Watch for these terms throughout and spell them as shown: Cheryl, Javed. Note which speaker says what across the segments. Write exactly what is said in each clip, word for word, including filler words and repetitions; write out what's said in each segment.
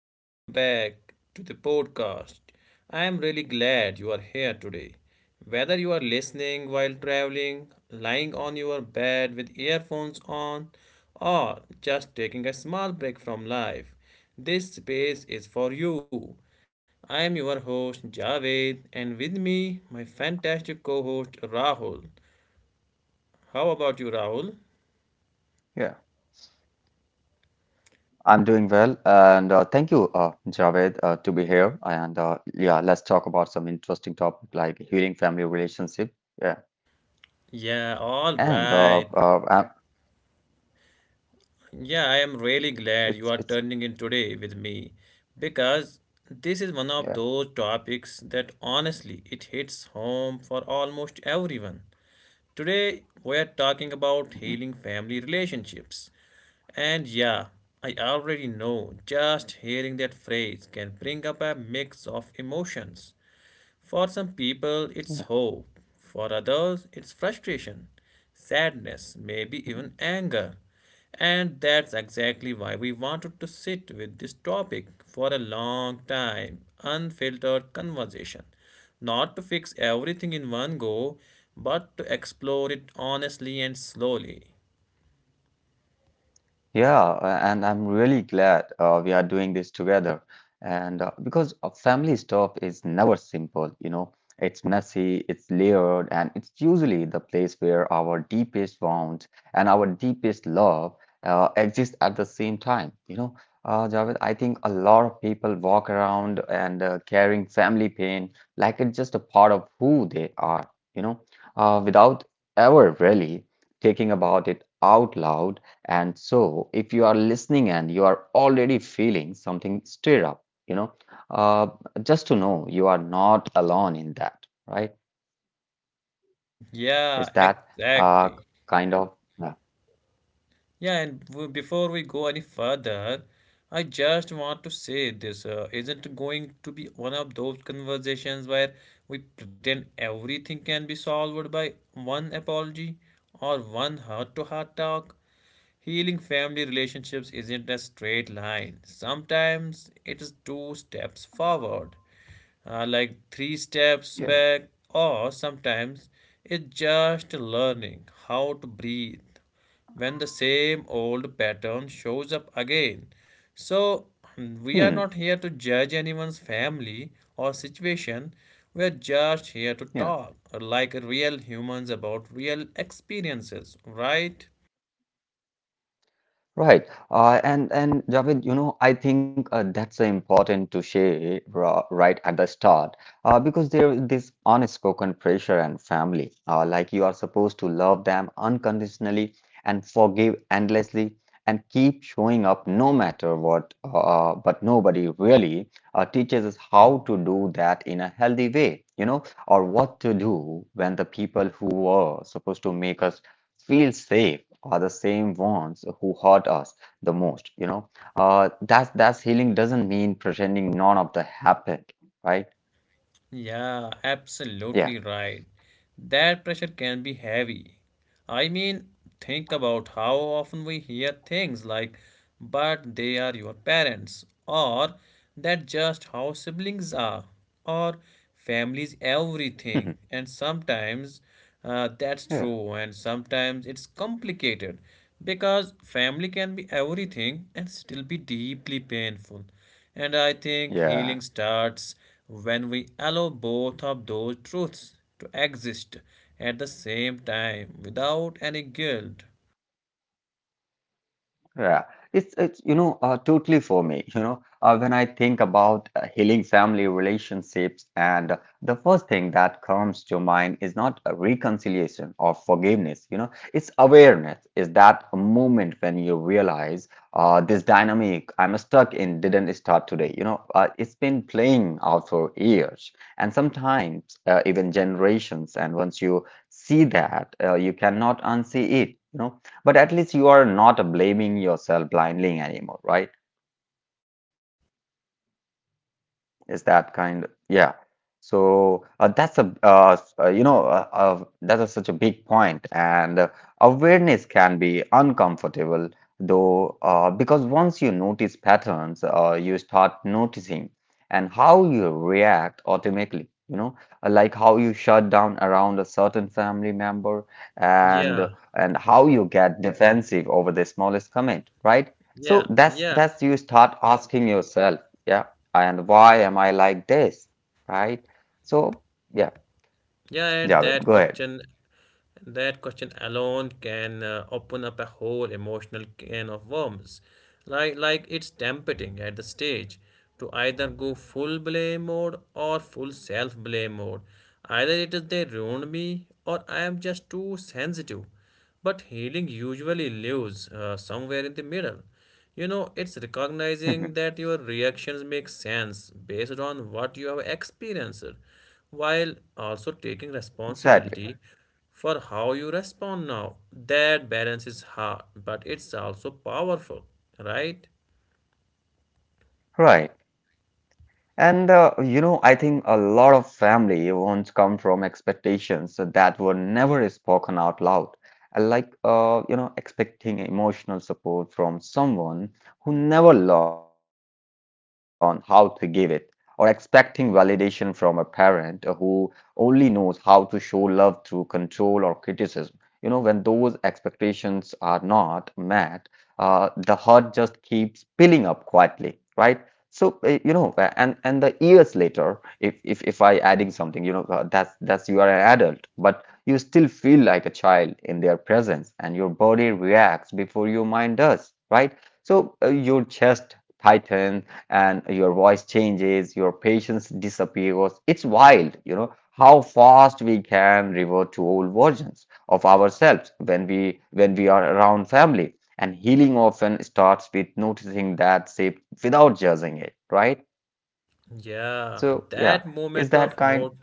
Speaker 1: Welcome back to the podcast. I am really glad you are here today. Whether you are listening while traveling, lying on your bed with earphones on, or just taking a small break from life, this space is for you. I am your host Javed, and with me, my fantastic co host Rahul. How about you,
Speaker 2: Yeah,
Speaker 1: Rahul?
Speaker 2: I'm doing well, and uh, thank you, uh, Javed, uh, to be here. And uh, yeah, let's talk about some interesting topic like healing family relationship. Yeah,
Speaker 1: Yeah,
Speaker 2: and
Speaker 1: all
Speaker 2: uh, uh,
Speaker 1: right.
Speaker 2: uh,
Speaker 1: Yeah, I am really
Speaker 2: it's
Speaker 1: glad you
Speaker 2: it's
Speaker 1: are turning in today with me because this is one
Speaker 2: yeah,
Speaker 1: of those topics that honestly it hits home for almost everyone. Today we are talking about
Speaker 2: mhm,
Speaker 1: healing family relationships. And yeah, I already know just hearing that phrase can bring up a mix of emotions. For some people, it's
Speaker 2: yeah.
Speaker 1: hope. For others, it's frustration, sadness, maybe
Speaker 2: Mhm.
Speaker 1: even anger. And that's exactly why we wanted to sit with this topic for a long time, unfiltered conversation. Not to fix everything in one go, but to explore it honestly and slowly.
Speaker 2: Yeah, a- and I'm really glad uh, we are doing this together. And uh, because uh, family stuff is never simple, you know, it's messy, it's layered, and it's usually the place where our deepest wounds and our deepest love uh, exist at the same time. You know, uh, Javed, I think a lot of people walk around and uh, carrying family pain like it's just a part of who they are, you know, uh, without ever really thinking about it out loud. And so, if you are listening and you are already feeling something stir up, you know, uh, just to know you are not alone in that, right? Is
Speaker 1: Yeah,
Speaker 2: that uh,
Speaker 1: exactly.
Speaker 2: kind of, yeah.
Speaker 1: Yeah, and w- before we go any further, I just want to say this uh, isn't going to be one of those conversations where we pretend everything can be solved by one apology or one heart to heart talk. Healing family relationships isn't a straight line. Sometimes it is two steps forward, uh, like three steps
Speaker 2: Yeah.
Speaker 1: back, or sometimes it's just learning how to breathe when the same old pattern shows up again. So, we are
Speaker 2: Hmm,
Speaker 1: not here to judge anyone's family or situation. We are just here to
Speaker 2: yeah.
Speaker 1: talk like real humans about real experiences, right?
Speaker 2: Right. Uh, and and Javed, you know, I think uh, that's uh, important to share ra- right at the start uh, because there is this unspoken pressure and family. Uh, like, you are supposed to love them unconditionally and forgive endlessly and keep showing up no matter what. Uh, but nobody really uh, teaches us how to do that in a healthy way, you know, or what to do when the people who were supposed to make us feel safe are the same ones who hurt us the most, you know. uh that's that's healing doesn't mean pretending none of the happened, right?
Speaker 1: Yeah,
Speaker 2: Yeah.
Speaker 1: absolutely right. That pressure can be heavy. I mean, think about how often we hear things like, but they are your parents, or that just how siblings are, or families everything. And sometimes uh,
Speaker 2: Yeah,
Speaker 1: that's true, and sometimes it's complicated because family can be everything and still be deeply painful. And I think
Speaker 2: yeah.
Speaker 1: healing starts when we allow both of those truths to exist at the same time without any guilt.
Speaker 2: Yeah, it's it's you know, uh, totally for me. You know, uh, when I think about uh, healing family relationships, and the first thing that comes to mind is not a reconciliation or forgiveness. You know, it's awareness. Is that a moment when you realize uh, this dynamic I'm stuck in didn't start today. You know, uh, it's been playing out for years, and sometimes uh, even generations. And once you see that, uh, you cannot unsee it. You know, but at least you are not blaming yourself blindly anymore, right? Is that kind, yeah. So uh, that's a uh, s- uh, you know, uh, uh, that is such a big point. And uh, awareness can be uncomfortable, though uh, because once you notice patterns, uh, you start noticing and how you react automatically, you know, uh, like how you shut down around a certain family member
Speaker 1: Yeah,
Speaker 2: and and how you get defensive over the smallest comment, right?
Speaker 1: yeah,
Speaker 2: So that's
Speaker 1: yeah,
Speaker 2: that's you start asking yourself, yeah, and why am I like this? Right? So, yeah,
Speaker 1: yeah. And
Speaker 2: Javed,
Speaker 1: that
Speaker 2: go ahead.
Speaker 1: question, that question alone can uh, open up a whole emotional can of worms. Like, like it's tempting at the stage to either go full blame mode or full self blame mode. Either it is they ruined me or I am just too sensitive. But healing usually lives uh, somewhere in the middle. You know, it's recognizing that your reactions make sense based on what you have experienced, while also taking
Speaker 2: Exactly.
Speaker 1: responsibility for how you respond now. That balance is hard, but it's also powerful, right?
Speaker 2: Right. And uh, you know, I think a lot of family wounds come from expectations that were never spoken out loud. Uh, Like, uh, you know, expecting emotional support from someone who never learned how to give it, or expecting validation from a parent who only knows how to show love through control or criticism. You know, when those expectations are not met, uh, the hurt just keeps piling up quietly, right? So uh, you know, uh, and and the years later, if if if I adding something, you know, uh, that's that's you are an adult, but you still feel like a child in their presence, and your body reacts before your mind does, right? So uh, your chest tightens, and your voice changes, your patience disappears. It's wild, you know, how fast we can revert to old versions of ourselves when we when we are around family, and healing often starts with noticing that shape without judging it, right?
Speaker 1: Yeah,
Speaker 2: So, yeah,
Speaker 1: that
Speaker 2: is
Speaker 1: moment
Speaker 2: that
Speaker 1: of
Speaker 2: kind?
Speaker 1: not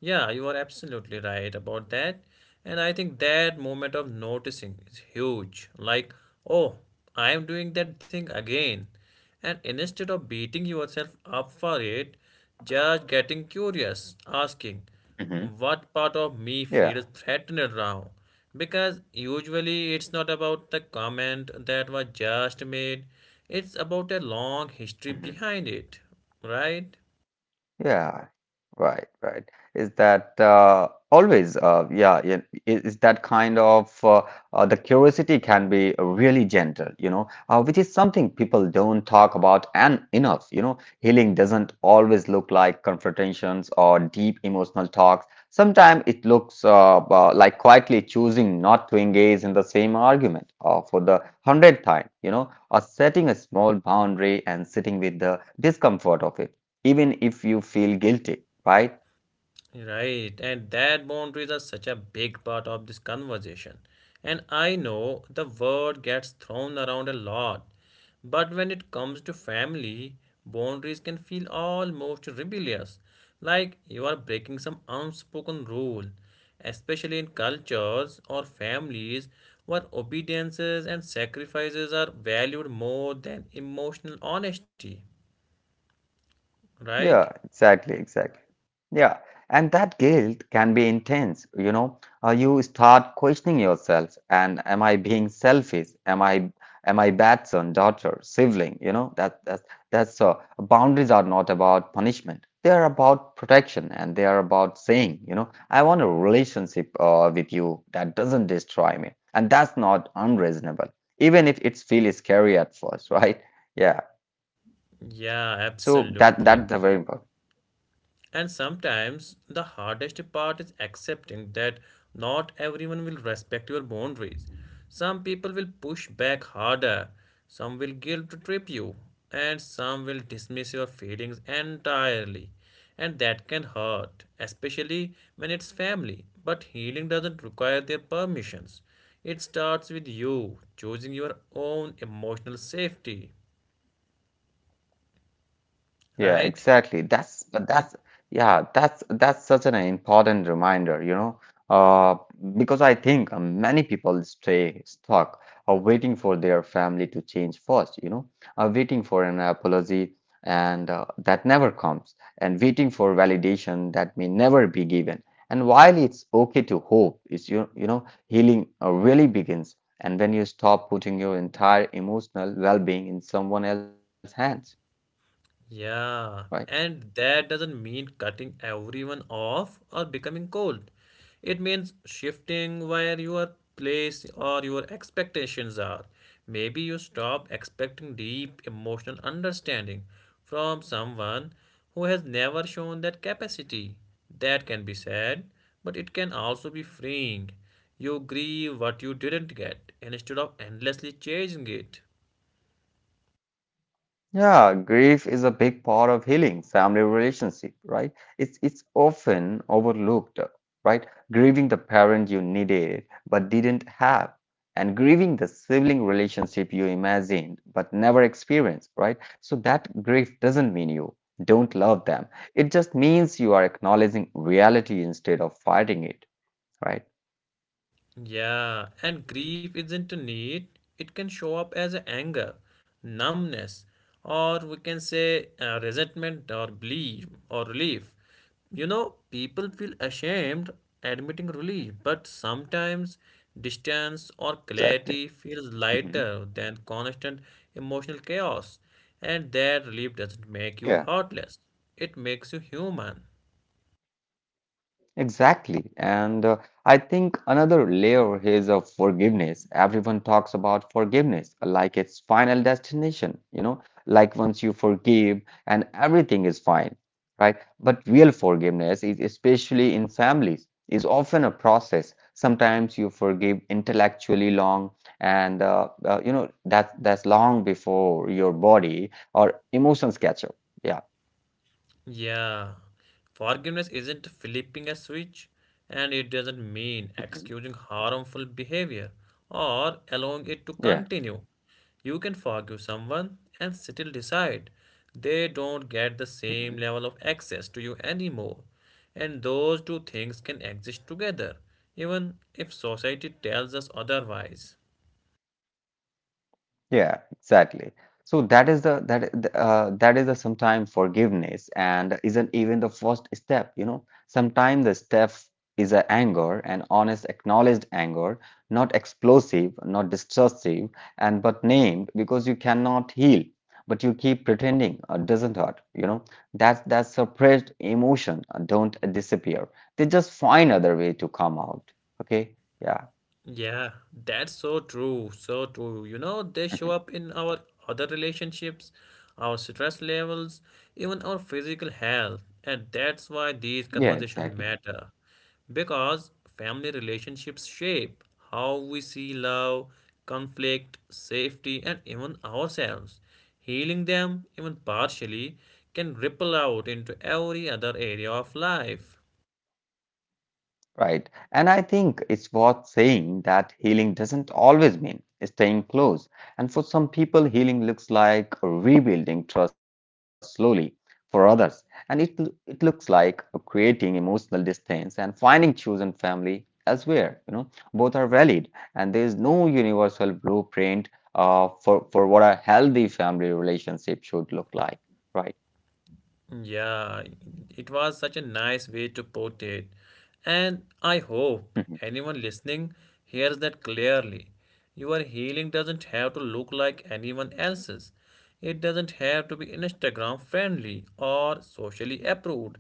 Speaker 1: Yeah, you are absolutely right about that. And I think that moment of noticing is huge. Like, oh, I am doing that thing again. And instead of beating yourself up for it, just getting curious, asking,
Speaker 2: Hmm.
Speaker 1: what part of me feels
Speaker 2: Yeah.
Speaker 1: threatened now? Because usually it's not about the comment that was just made, it's about a long history behind it, right?
Speaker 2: Yeah, right, right. Is that uh, always, uh, yeah, yeah, is is that kind of uh, uh, the curiosity can be really gentle, you know, uh, which is something people don't talk about and enough, you know. Healing doesn't always look like confrontations or deep emotional talks. Sometimes it looks uh, uh, like quietly choosing not to engage in the same argument uh, for the hundredth time, you know, or setting a small boundary and sitting with the discomfort of it, even if you feel guilty, right?
Speaker 1: Right, and that boundaries are such a big part of this conversation. And I know the word gets thrown around a lot, but when it comes to family, boundaries can feel almost rebellious, like you are breaking some unspoken rule, especially in cultures or families where obediences and sacrifices are valued more than emotional honesty, right?
Speaker 2: Yeah, exactly, exactly. Yeah, and that guilt can be intense, you know. Uh, you start questioning yourself, and am I being selfish? Am I am I bad son, daughter, sibling? You know, that that's that's uh, boundaries are not about punishment. They are about protection, and they are about saying, you know, I want a relationship uh, with you that doesn't destroy me, and that's not unreasonable, even if it feels scary at first, right? Yeah.
Speaker 1: Yeah,
Speaker 2: So that
Speaker 1: absolutely.
Speaker 2: that's the very important.
Speaker 1: And sometimes the hardest part is accepting that not everyone will respect your boundaries. Some people will push back harder, some will guilt trip you, and some will dismiss your feelings entirely. And that can hurt, especially when it's family. But healing doesn't require their permissions. It starts with you choosing your own emotional safety,
Speaker 2: Yeah,
Speaker 1: right?
Speaker 2: exactly. That's but that's yeah, that's that's such an important reminder, you know, uh, because I think uh, many people stay stuck uh, waiting for their family to change first, you know, uh, waiting for an apology and uh, that never comes, and waiting for validation that may never be given. And while it's okay to hope, it's you you know, healing uh, really begins, and when you stop putting your entire emotional well-being in someone else's hands, right?
Speaker 1: Yeah, and that doesn't mean cutting everyone off or becoming cold. It means shifting where your place or your expectations are. Maybe you stop expecting deep emotional understanding from someone who has never shown that capacity. That can be sad, but it can also be freeing. You grieve what you didn't get instead of endlessly chasing it.
Speaker 2: Yeah, grief is a big part of healing family relationship, right? It's it's often overlooked, right? Grieving the parent you needed but didn't have, and grieving the sibling relationship you imagined but never experienced, right? So that grief doesn't mean you don't love them. It just means you are acknowledging reality instead of fighting it, right?
Speaker 1: Yeah, and grief isn't neat. It can show up as anger, numbness, or we can say uh, resentment or belief or relief. You know, people feel ashamed admitting relief, but sometimes distance or
Speaker 2: Exactly.
Speaker 1: clarity feels
Speaker 2: Mhm.
Speaker 1: lighter than constant emotional chaos. And that relief doesn't make you
Speaker 2: Yeah.
Speaker 1: heartless, it makes you human.
Speaker 2: Exactly. And uh, I think another layer is of forgiveness. Everyone talks about forgiveness like it's final destination, you know, like once you forgive and everything is fine, right? But real forgiveness is especially in families is often a process. Sometimes you forgive intellectually long and uh, uh, you know that that's long before your body or emotions catch up. Yeah.
Speaker 1: Yeah, forgiveness isn't flipping a switch and it doesn't mean
Speaker 2: Mhm.
Speaker 1: excusing harmful behavior or allowing it to
Speaker 2: Yeah.
Speaker 1: continue. You can forgive someone and still decide they don't get the same
Speaker 2: Mhm.
Speaker 1: level of access to you anymore. And those two things can exist together, even if society tells us otherwise.
Speaker 2: Yeah, exactly. So that is the that I- the, uh, that is the sometimes forgiveness and isn't even the first step, you know. Sometimes the step is a anger, an honest, acknowledged anger, not explosive, not destructive, and but named because you cannot heal, but you keep pretending uh, doesn't hurt, you know. That's that suppressed emotion uh, don't disappear. They just find other way to come out. Okay? Yeah.
Speaker 1: Yeah, that's so true, so true. You know, they
Speaker 2: Mhm.
Speaker 1: show up in our other relationships, our stress levels, even our physical health. And that's why these
Speaker 2: Yeah,
Speaker 1: conversations
Speaker 2: exactly.
Speaker 1: matter. Because family relationships shape how we see love, conflict, safety, and even ourselves. Healing them, even partially, can ripple out into every other area of life.
Speaker 2: Right. And I think it's worth saying that healing doesn't always mean staying close. And for some people, healing looks like rebuilding trust slowly. For others, and it, it looks like creating emotional distance and finding chosen family elsewhere. You know, both are valid, and there is no universal blueprint uh, for, for what a healthy family relationship should look like. Right.
Speaker 1: Yeah, it was such a nice way to put it. And I hope
Speaker 2: Hmm.
Speaker 1: anyone listening hears that clearly. Your healing doesn't have to look like anyone else's. It doesn't have to be Instagram friendly or socially approved.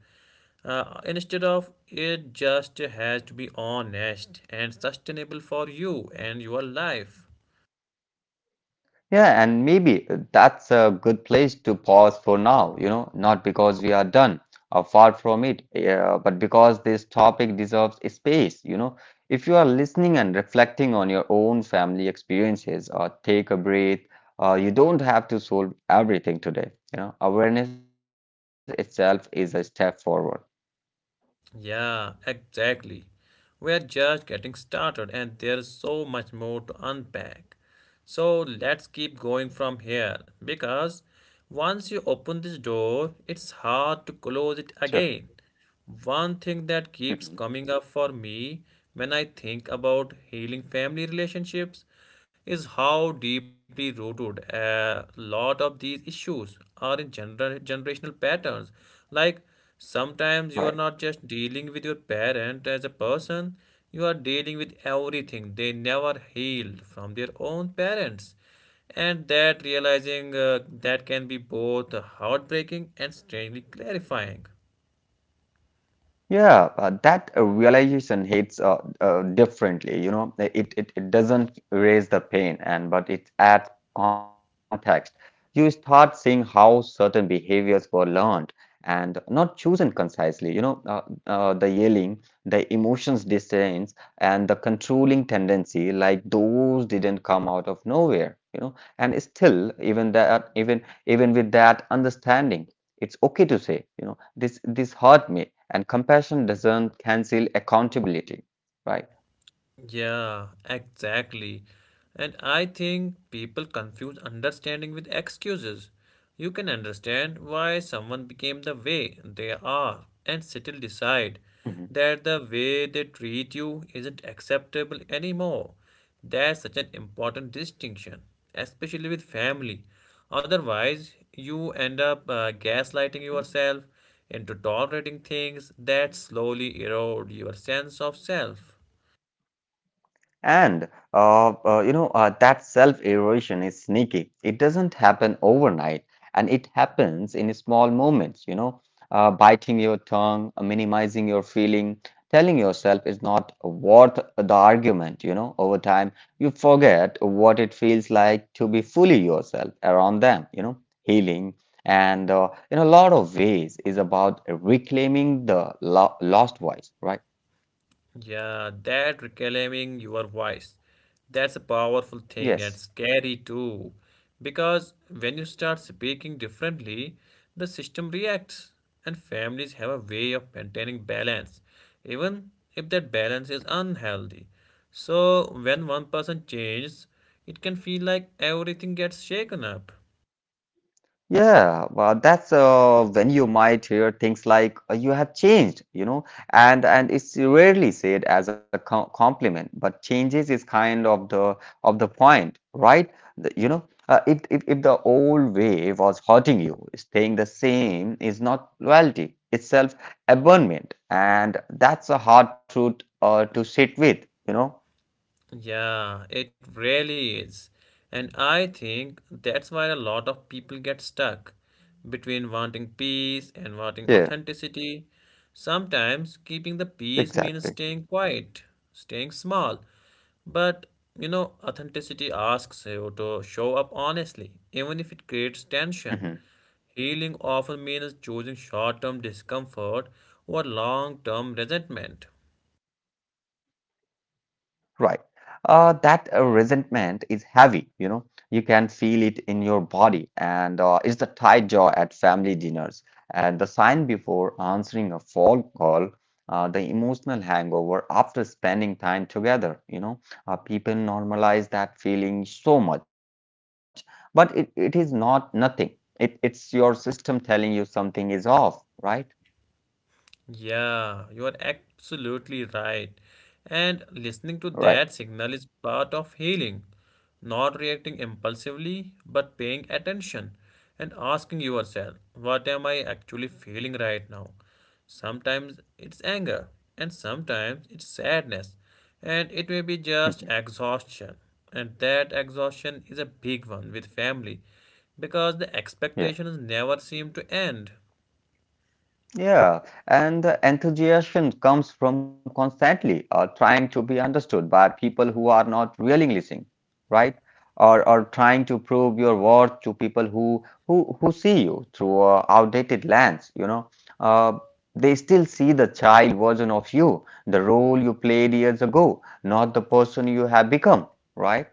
Speaker 1: Uh, instead of it just has to be honest and sustainable for you and your life.
Speaker 2: Yeah, and maybe that's a good place to pause for now, you know, not because we are done or far from it, uh, but because this topic deserves a space, you know. If you are listening and reflecting on your own family experiences or take a breath, uh, you don't have to solve everything today, you know. Awareness itself is a step forward.
Speaker 1: Yeah, exactly. We are just getting started, and there's so much more to unpack. So let's keep going from here because once you open this door, it's hard to close it
Speaker 2: Sure.
Speaker 1: again. One thing that
Speaker 2: Mhm.
Speaker 1: keeps coming up for me when I think about healing family relationships is how deeply rooted a lot of these issues are in gener- generational patterns. Like sometimes you are
Speaker 2: Right.
Speaker 1: not just dealing with your parent as a person, you are dealing with everything they never healed from their own parents. And that realizing uh, that can be both heartbreaking and strangely clarifying.
Speaker 2: Yeah, uh, that uh, realization hits uh, uh, differently. You know, it, it it doesn't erase the pain, and but it adds context. You start seeing how certain behaviors were learned and not chosen concisely. You know, uh, uh, the yelling, the emotions disdains, and the controlling tendency, like those didn't come out of nowhere. You know, and still, even that, even even with that understanding, it's okay to say. You know, This this hurt me, and compassion doesn't cancel accountability, right?
Speaker 1: Yeah, exactly. And I think people confuse understanding with excuses. You can understand why someone became the way they are and still decide
Speaker 2: Mhm,
Speaker 1: that the way they treat you isn't acceptable anymore. That's such an important distinction, especially with family. Otherwise, you end up uh,
Speaker 2: mhm.
Speaker 1: gaslighting yourself into tolerating things that slowly erode your sense of self.
Speaker 2: And uh, uh, you know, uh, that self-erosion is sneaky. It doesn't happen overnight, and it happens in small moments. You know, uh, biting your tongue, uh, minimizing your feeling, telling yourself it's not worth the argument. You know, over time you forget what it feels like to be fully yourself around them. You know, healing and uh, in a lot of ways is about reclaiming the lo- lost voice. Right?
Speaker 1: Yeah, that reclaiming your voice. That's a powerful thing and
Speaker 2: Yes.
Speaker 1: scary too. Because when you start speaking differently, the system reacts, and families have a way of maintaining balance, even if that balance is unhealthy. So, when one person changes, it can feel like everything gets shaken up.
Speaker 2: Yeah, well, that's uh, when you might hear things like uh, "you have changed," you know, and and it's rarely said as a com compliment, but changes is kind of the of the point, right? The- you know, uh, if, if if the old way was hurting you, staying the same is not loyalty; it's self-abandonment, and that's a hard truth uh, to sit with, you know.
Speaker 1: Yeah, it really is. And I think that's why a lot of people get stuck between wanting
Speaker 2: Yeah,
Speaker 1: peace and wanting authenticity. Sometimes keeping the
Speaker 2: exactly.
Speaker 1: peace means staying quiet, staying small. But you know, authenticity asks you to show up honestly, even if it creates tension. Healing often means choosing short term discomfort over long term resentment.
Speaker 2: Right. Uh, that uh, resentment is heavy, you know. You can feel it in your body, and uh, it's the tight jaw at family dinners, and the sign before answering a phone call, uh, the emotional hangover after spending time together, you know. Uh, people normalize that feeling so much, but it, it is not nothing. It, it's your system telling you something is off, right?
Speaker 1: Yeah, you are absolutely right. And listening to
Speaker 2: Right.
Speaker 1: that signal is part of healing. Not reacting impulsively, but paying attention and asking yourself, what am I actually feeling right now? Sometimes it's anger, and sometimes it's sadness, and it may be just exhaustion. And that exhaustion is a big one with family because the
Speaker 2: Yeah.
Speaker 1: expectations never seem to end.
Speaker 2: Yeah, and the enthusiasm comes from constantly uh, trying to be understood by people who are not really listening, right? Or, or trying to prove your worth to people who who who see you through a outdated lens. You know, uh, they still see the child version of you, the role you played years ago, not the person you have become, right?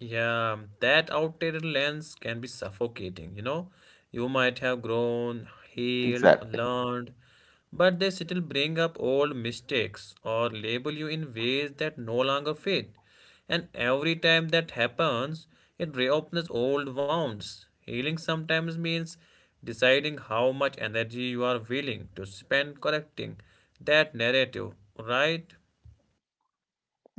Speaker 1: Yeah, that outdated lens can be suffocating, you know. You might have grown, healed,
Speaker 2: Exactly.
Speaker 1: learned, but they still bring up old mistakes or label you in ways that no longer fit. And every time that happens, it reopens old wounds. Healing sometimes means deciding how much energy you are willing to spend correcting that narrative, right?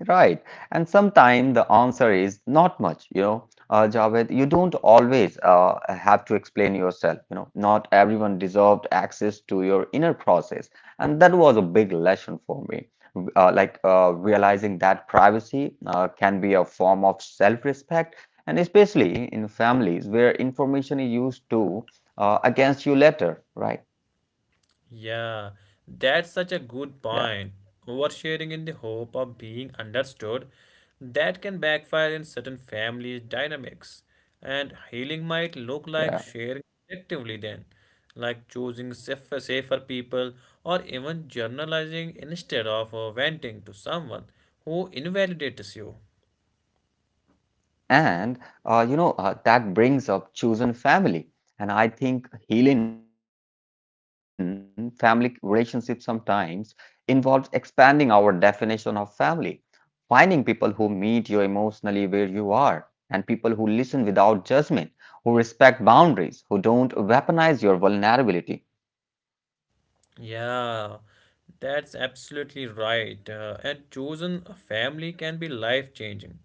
Speaker 2: Right. And sometimes the answer is not much, you know. Uh, Javed, you don't always uh, have to explain yourself, you know. Not everyone deserved access to your inner process. And that was a big lesson for me. Uh, like uh, realizing that privacy uh, can be a form of self-respect, and especially in families where information is used to uh, against you later, right?
Speaker 1: Yeah, that's such a good
Speaker 2: Yeah,
Speaker 1: point. Oversharing in the hope of being understood, that can backfire in certain family dynamics. And healing might look like
Speaker 2: yeah.
Speaker 1: sharing effectively then, like choosing safer, safer people or even journalizing instead of uh, venting to someone who invalidates you.
Speaker 2: And uh, you know uh, that brings up chosen family, and I think healing family relationships sometimes involves expanding our definition of family, finding people who meet you emotionally where you are, and people who listen without judgment, who respect boundaries, who don't weaponize your vulnerability.
Speaker 1: Yeah, that's absolutely right. Uh, and chosen family can be life changing.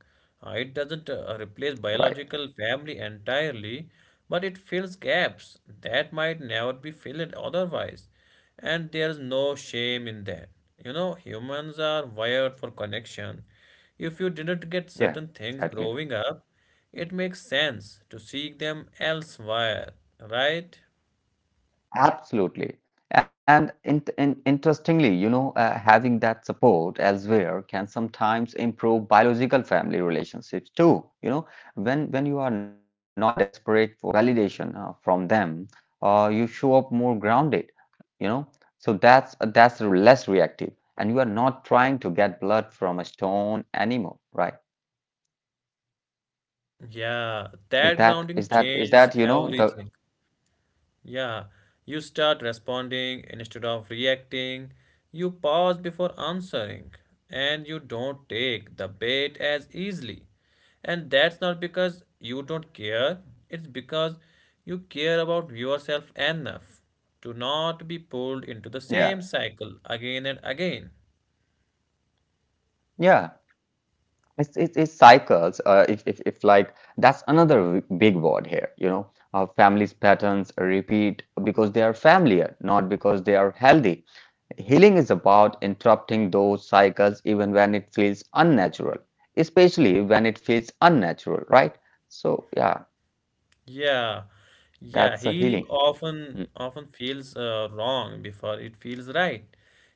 Speaker 1: Uh, it doesn't uh, replace
Speaker 2: Right?
Speaker 1: biological family entirely, but it fills gaps that might never be filled otherwise. And there's no shame in that. You know, humans are wired for connection. If you didn't get certain
Speaker 2: Yeah,
Speaker 1: things growing
Speaker 2: exactly.
Speaker 1: up, it makes sense to seek them elsewhere, right?
Speaker 2: Absolutely. And in, in, interestingly, you know, uh, having that support elsewhere can sometimes improve biological family relationships too. You know, when when you are not desperate for validation uh, from them, uh, you show up more grounded. You know, so that's that's less reactive, and you are not trying to get blood from a stone anymore, right?
Speaker 1: Yeah,
Speaker 2: Is
Speaker 1: that
Speaker 2: that
Speaker 1: grounding
Speaker 2: is that is
Speaker 1: changes
Speaker 2: that you know the
Speaker 1: everything. Yeah, you start responding instead of reacting. You pause before answering, and you don't take the bait as easily. And that's not because you don't care, it's because you care about yourself enough to not be pulled into the
Speaker 2: yeah
Speaker 1: same cycle again and again.
Speaker 2: yeah It's, it's, it's cycles. Uh, if, if, if like That's another w- big word here, you know, uh, families patterns repeat because they are familiar, not because they are healthy. Healing is about interrupting those cycles even when it feels unnatural, especially when it feels unnatural, right? So yeah,
Speaker 1: Yeah, yeah,
Speaker 2: that's a
Speaker 1: healing
Speaker 2: healing.
Speaker 1: often
Speaker 2: Mm,
Speaker 1: often feels uh, wrong before it feels right.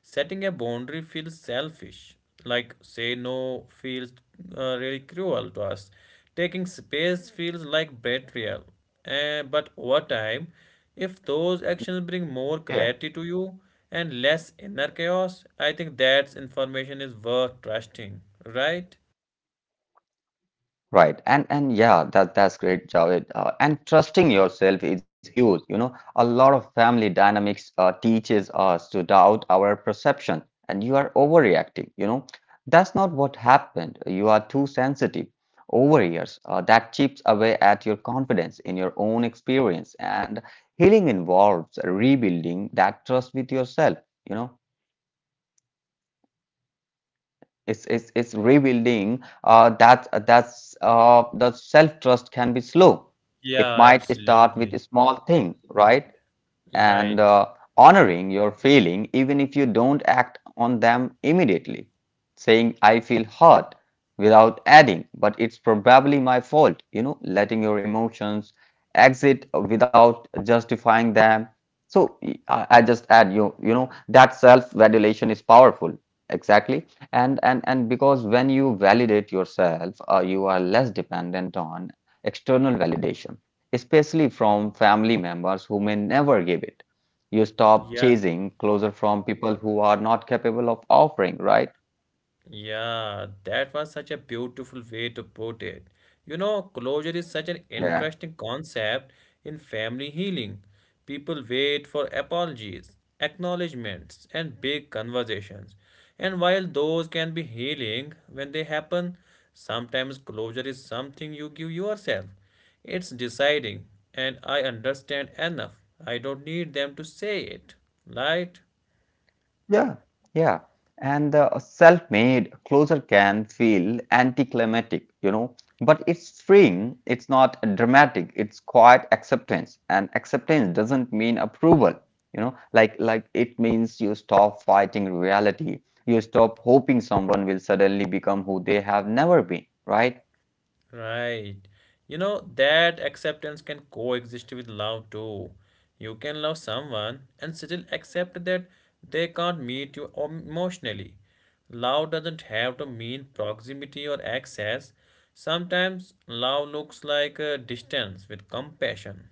Speaker 1: Setting a boundary feels selfish. Like say no feels uh, really cruel to us. Taking space feels like betrayal. And but over time, if those actions bring more
Speaker 2: Yeah.
Speaker 1: clarity to you and less inner chaos, I think that information is worth trusting, right?
Speaker 2: Right. And and yeah, that that's great, Javed. Uh, and trusting yourself is huge. You know, a lot of family dynamics uh, teaches us to doubt our perception, and you are overreacting. You know, that's not what happened. You are too sensitive. Over years, uh, that chips away at your confidence in your own experience, and healing involves rebuilding that trust with yourself. You know. it's it's it's revealing uh, that uh, that's uh, the self trust can be slow. It
Speaker 1: Yeah,
Speaker 2: might start with a
Speaker 1: absolutely.
Speaker 2: small thing, right? and uh,
Speaker 1: Right.
Speaker 2: Honoring your feeling even if you don't act on them immediately. Saying, I feel hurt without adding, but it's probably my fault, you know, letting your emotions exit without justifying them. So I I just add you, you know, that self-validation is powerful. Exactly. And and and because when you validate yourself, uh, you are less dependent on external validation, especially from family members who may never give it. You stop
Speaker 1: Yeah.
Speaker 2: chasing closer from people who are not capable of offering, right?
Speaker 1: Yeah, that was such a beautiful way to put it. You know, closure is such an
Speaker 2: Yeah.
Speaker 1: interesting concept in family healing. People wait for apologies, acknowledgments, and big conversations. And while those can be healing when they happen, sometimes closure is something you give yourself. It's deciding, and I understand enough. I don't need them to say it, right?
Speaker 2: Yeah, yeah. And uh, self-made closer can feel anticlimactic, you know, but it's freeing. It's not dramatic. It's quiet acceptance, and acceptance doesn't mean approval, you know. Like like it means you stop fighting reality. You stop hoping someone will suddenly become who they have never been, right?
Speaker 1: Right. You know, that acceptance can coexist with love too. You can love someone and still accept that they can't meet you emotionally. Love doesn't have to mean proximity or access. Sometimes love looks like a distance with compassion.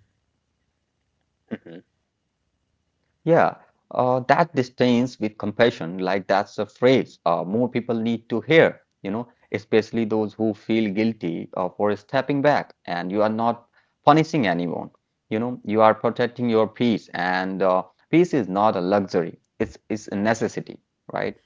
Speaker 2: Yeah, uh, that disdains with compassion, like that's a phrase uh, more people need to hear, you know, especially those who feel guilty uh, for stepping back. And you are not punishing anyone, you know, you are protecting your peace. And uh, peace is not a luxury, it's, it's a necessity, right?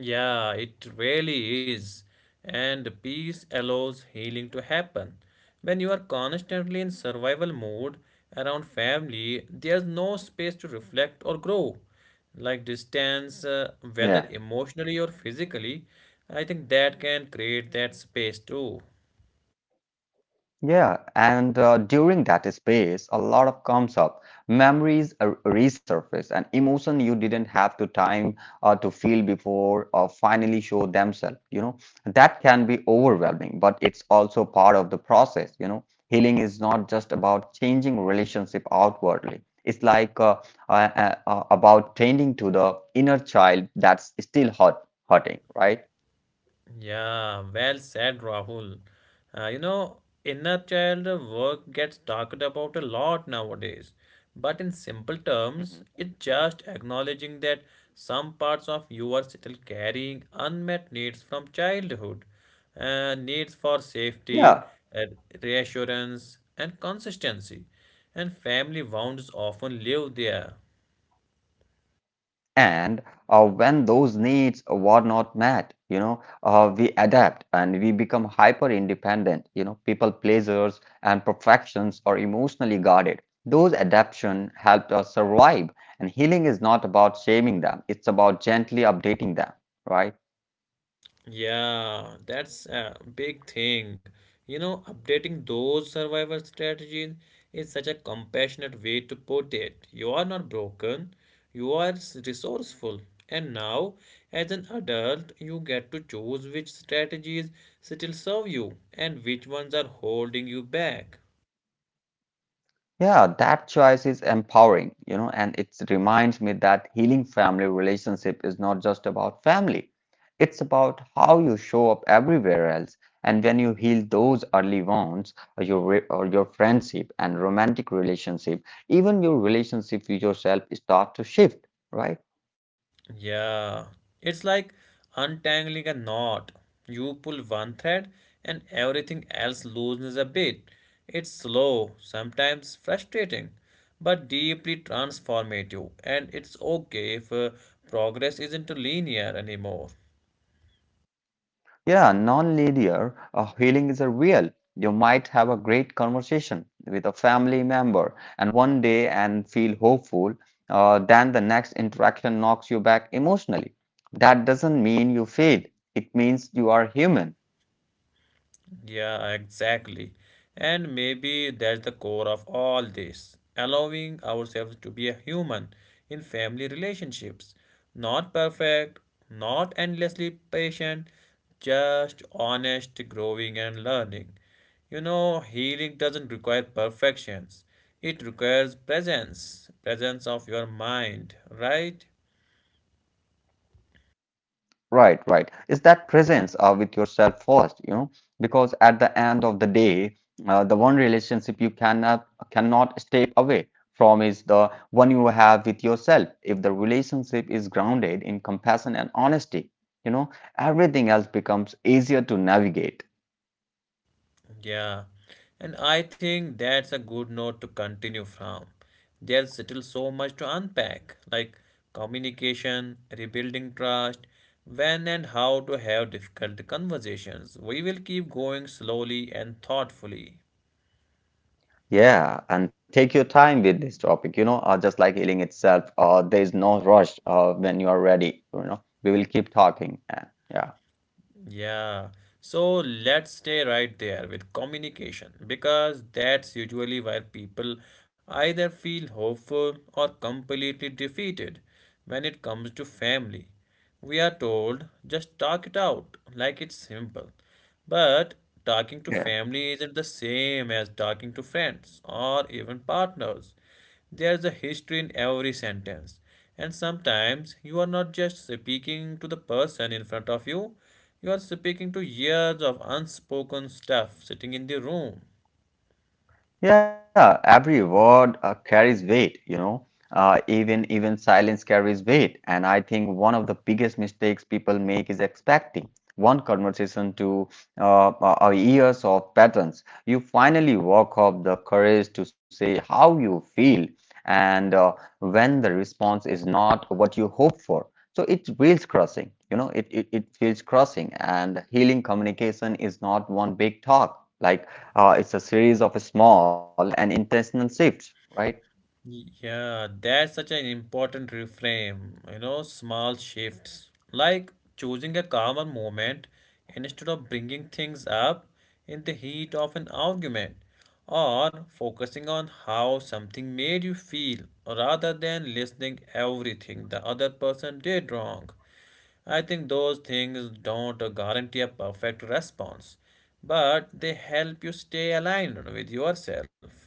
Speaker 1: Yeah, it really is. And peace allows healing to happen. When you are constantly in survival mode around family, there's no space to reflect or grow. Like distance, uh, whether
Speaker 2: Yeah.
Speaker 1: emotionally or physically, I think that can create that space too.
Speaker 2: Yeah, and uh, during that space, a lot of comes up. Memories are resurface and emotion you didn't have to time uh, to feel before or finally show themselves. You know, that can be overwhelming, but it's also part of the process. You know, healing is not just about changing relationship outwardly. It's like uh, uh, uh, uh, about tending to the inner child that's still hurt, hurting, right?
Speaker 1: Yeah, well said, Rahul. Uh, you know, inner child work gets talked about a lot nowadays, but in simple terms,
Speaker 2: hmm
Speaker 1: it's just acknowledging that some parts of you are still carrying unmet needs from childhood, uh, needs for safety,
Speaker 2: Yeah,
Speaker 1: uh, reassurance, and consistency, and family wounds often live there.
Speaker 2: and uh, when those needs were not met, you know, uh, we adapt and we become hyper independent. You know, people pleasers and perfections are emotionally guarded. Those adaptation helped us survive. And healing is not about shaming them; it's about gently updating them, right?
Speaker 1: Yeah, that's a big thing. You know, updating those survival strategies is such a compassionate way to put it. You are not broken, you are s- resourceful. And now, as an adult, you get to choose which strategies still serve you and which ones are holding you back.
Speaker 2: Yeah, that choice is empowering, you know, and it reminds me that healing family relationship is not just about family. It's about how you show up everywhere else. And when you heal those early wounds, or your re- or your friendship and romantic relationship, even your relationship with yourself start to shift, right?
Speaker 1: Yeah, it's like untangling a knot. You pull one thread and everything else loosens a bit. It's slow, sometimes frustrating, but deeply transformative, and it's okay if uh, progress isn't linear anymore.
Speaker 2: Yeah, non-linear uh, healing is a real. You might have a great conversation with a family member and one day and feel hopeful, uh, then the next interaction knocks you back emotionally. That doesn't mean you failed. It means you are human.
Speaker 1: Yeah, exactly. And maybe that's the core of all this, allowing ourselves to be a human in family relationships. Not perfect, not endlessly patient, just honest, growing and learning. You know, healing doesn't require perfections. It requires presence, presence of your mind, right?
Speaker 2: Right, right. Is that presence uh, with yourself first, you know, because at the end of the day, uh, the one relationship you cannot cannot step away from is the one you have with yourself. If the relationship is grounded in compassion and honesty, you know, everything else becomes easier to navigate.
Speaker 1: Yeah, and I think that's a good note to continue from. There's still so much to unpack, like communication, rebuilding trust, when and how to have difficult conversations. We will keep going slowly and thoughtfully.
Speaker 2: Yeah, and take your time with this topic, you know, uh, just like healing itself, uh, there is no rush uh, when you are ready, you know. We will keep talking and yeah,
Speaker 1: Yeah, so let's stay right there with communication because that's usually where people either feel hopeful or completely defeated when it comes to family. We are told just talk it out like it's simple. But talking to
Speaker 2: Yeah.
Speaker 1: family isn't the same as talking to friends or even partners. There's a history in every sentence. And sometimes you are not just speaking to the person in front of you, you are speaking to years of unspoken stuff sitting in the room.
Speaker 2: Yeah, every word uh, carries weight, you know. Uh, even even silence carries weight, and I think one of the biggest mistakes people make is expecting one conversation to uh, uh, uh, years of patterns. You finally walk up the courage to say how you feel, and uh, when the response is not what you hope for, so it feels crushing. You know, it, it it feels crushing, and healing communication is not one big talk. Like uh, it's a series of small and intentional shifts, right?
Speaker 1: Yeah, that's such an important reframe. You know, small shifts like choosing a calmer moment instead of bringing things up in the heat of an argument, or focusing on how something made you feel rather than listening everything the other person did wrong. I think those things don't guarantee a perfect response, but they help you stay aligned with yourself.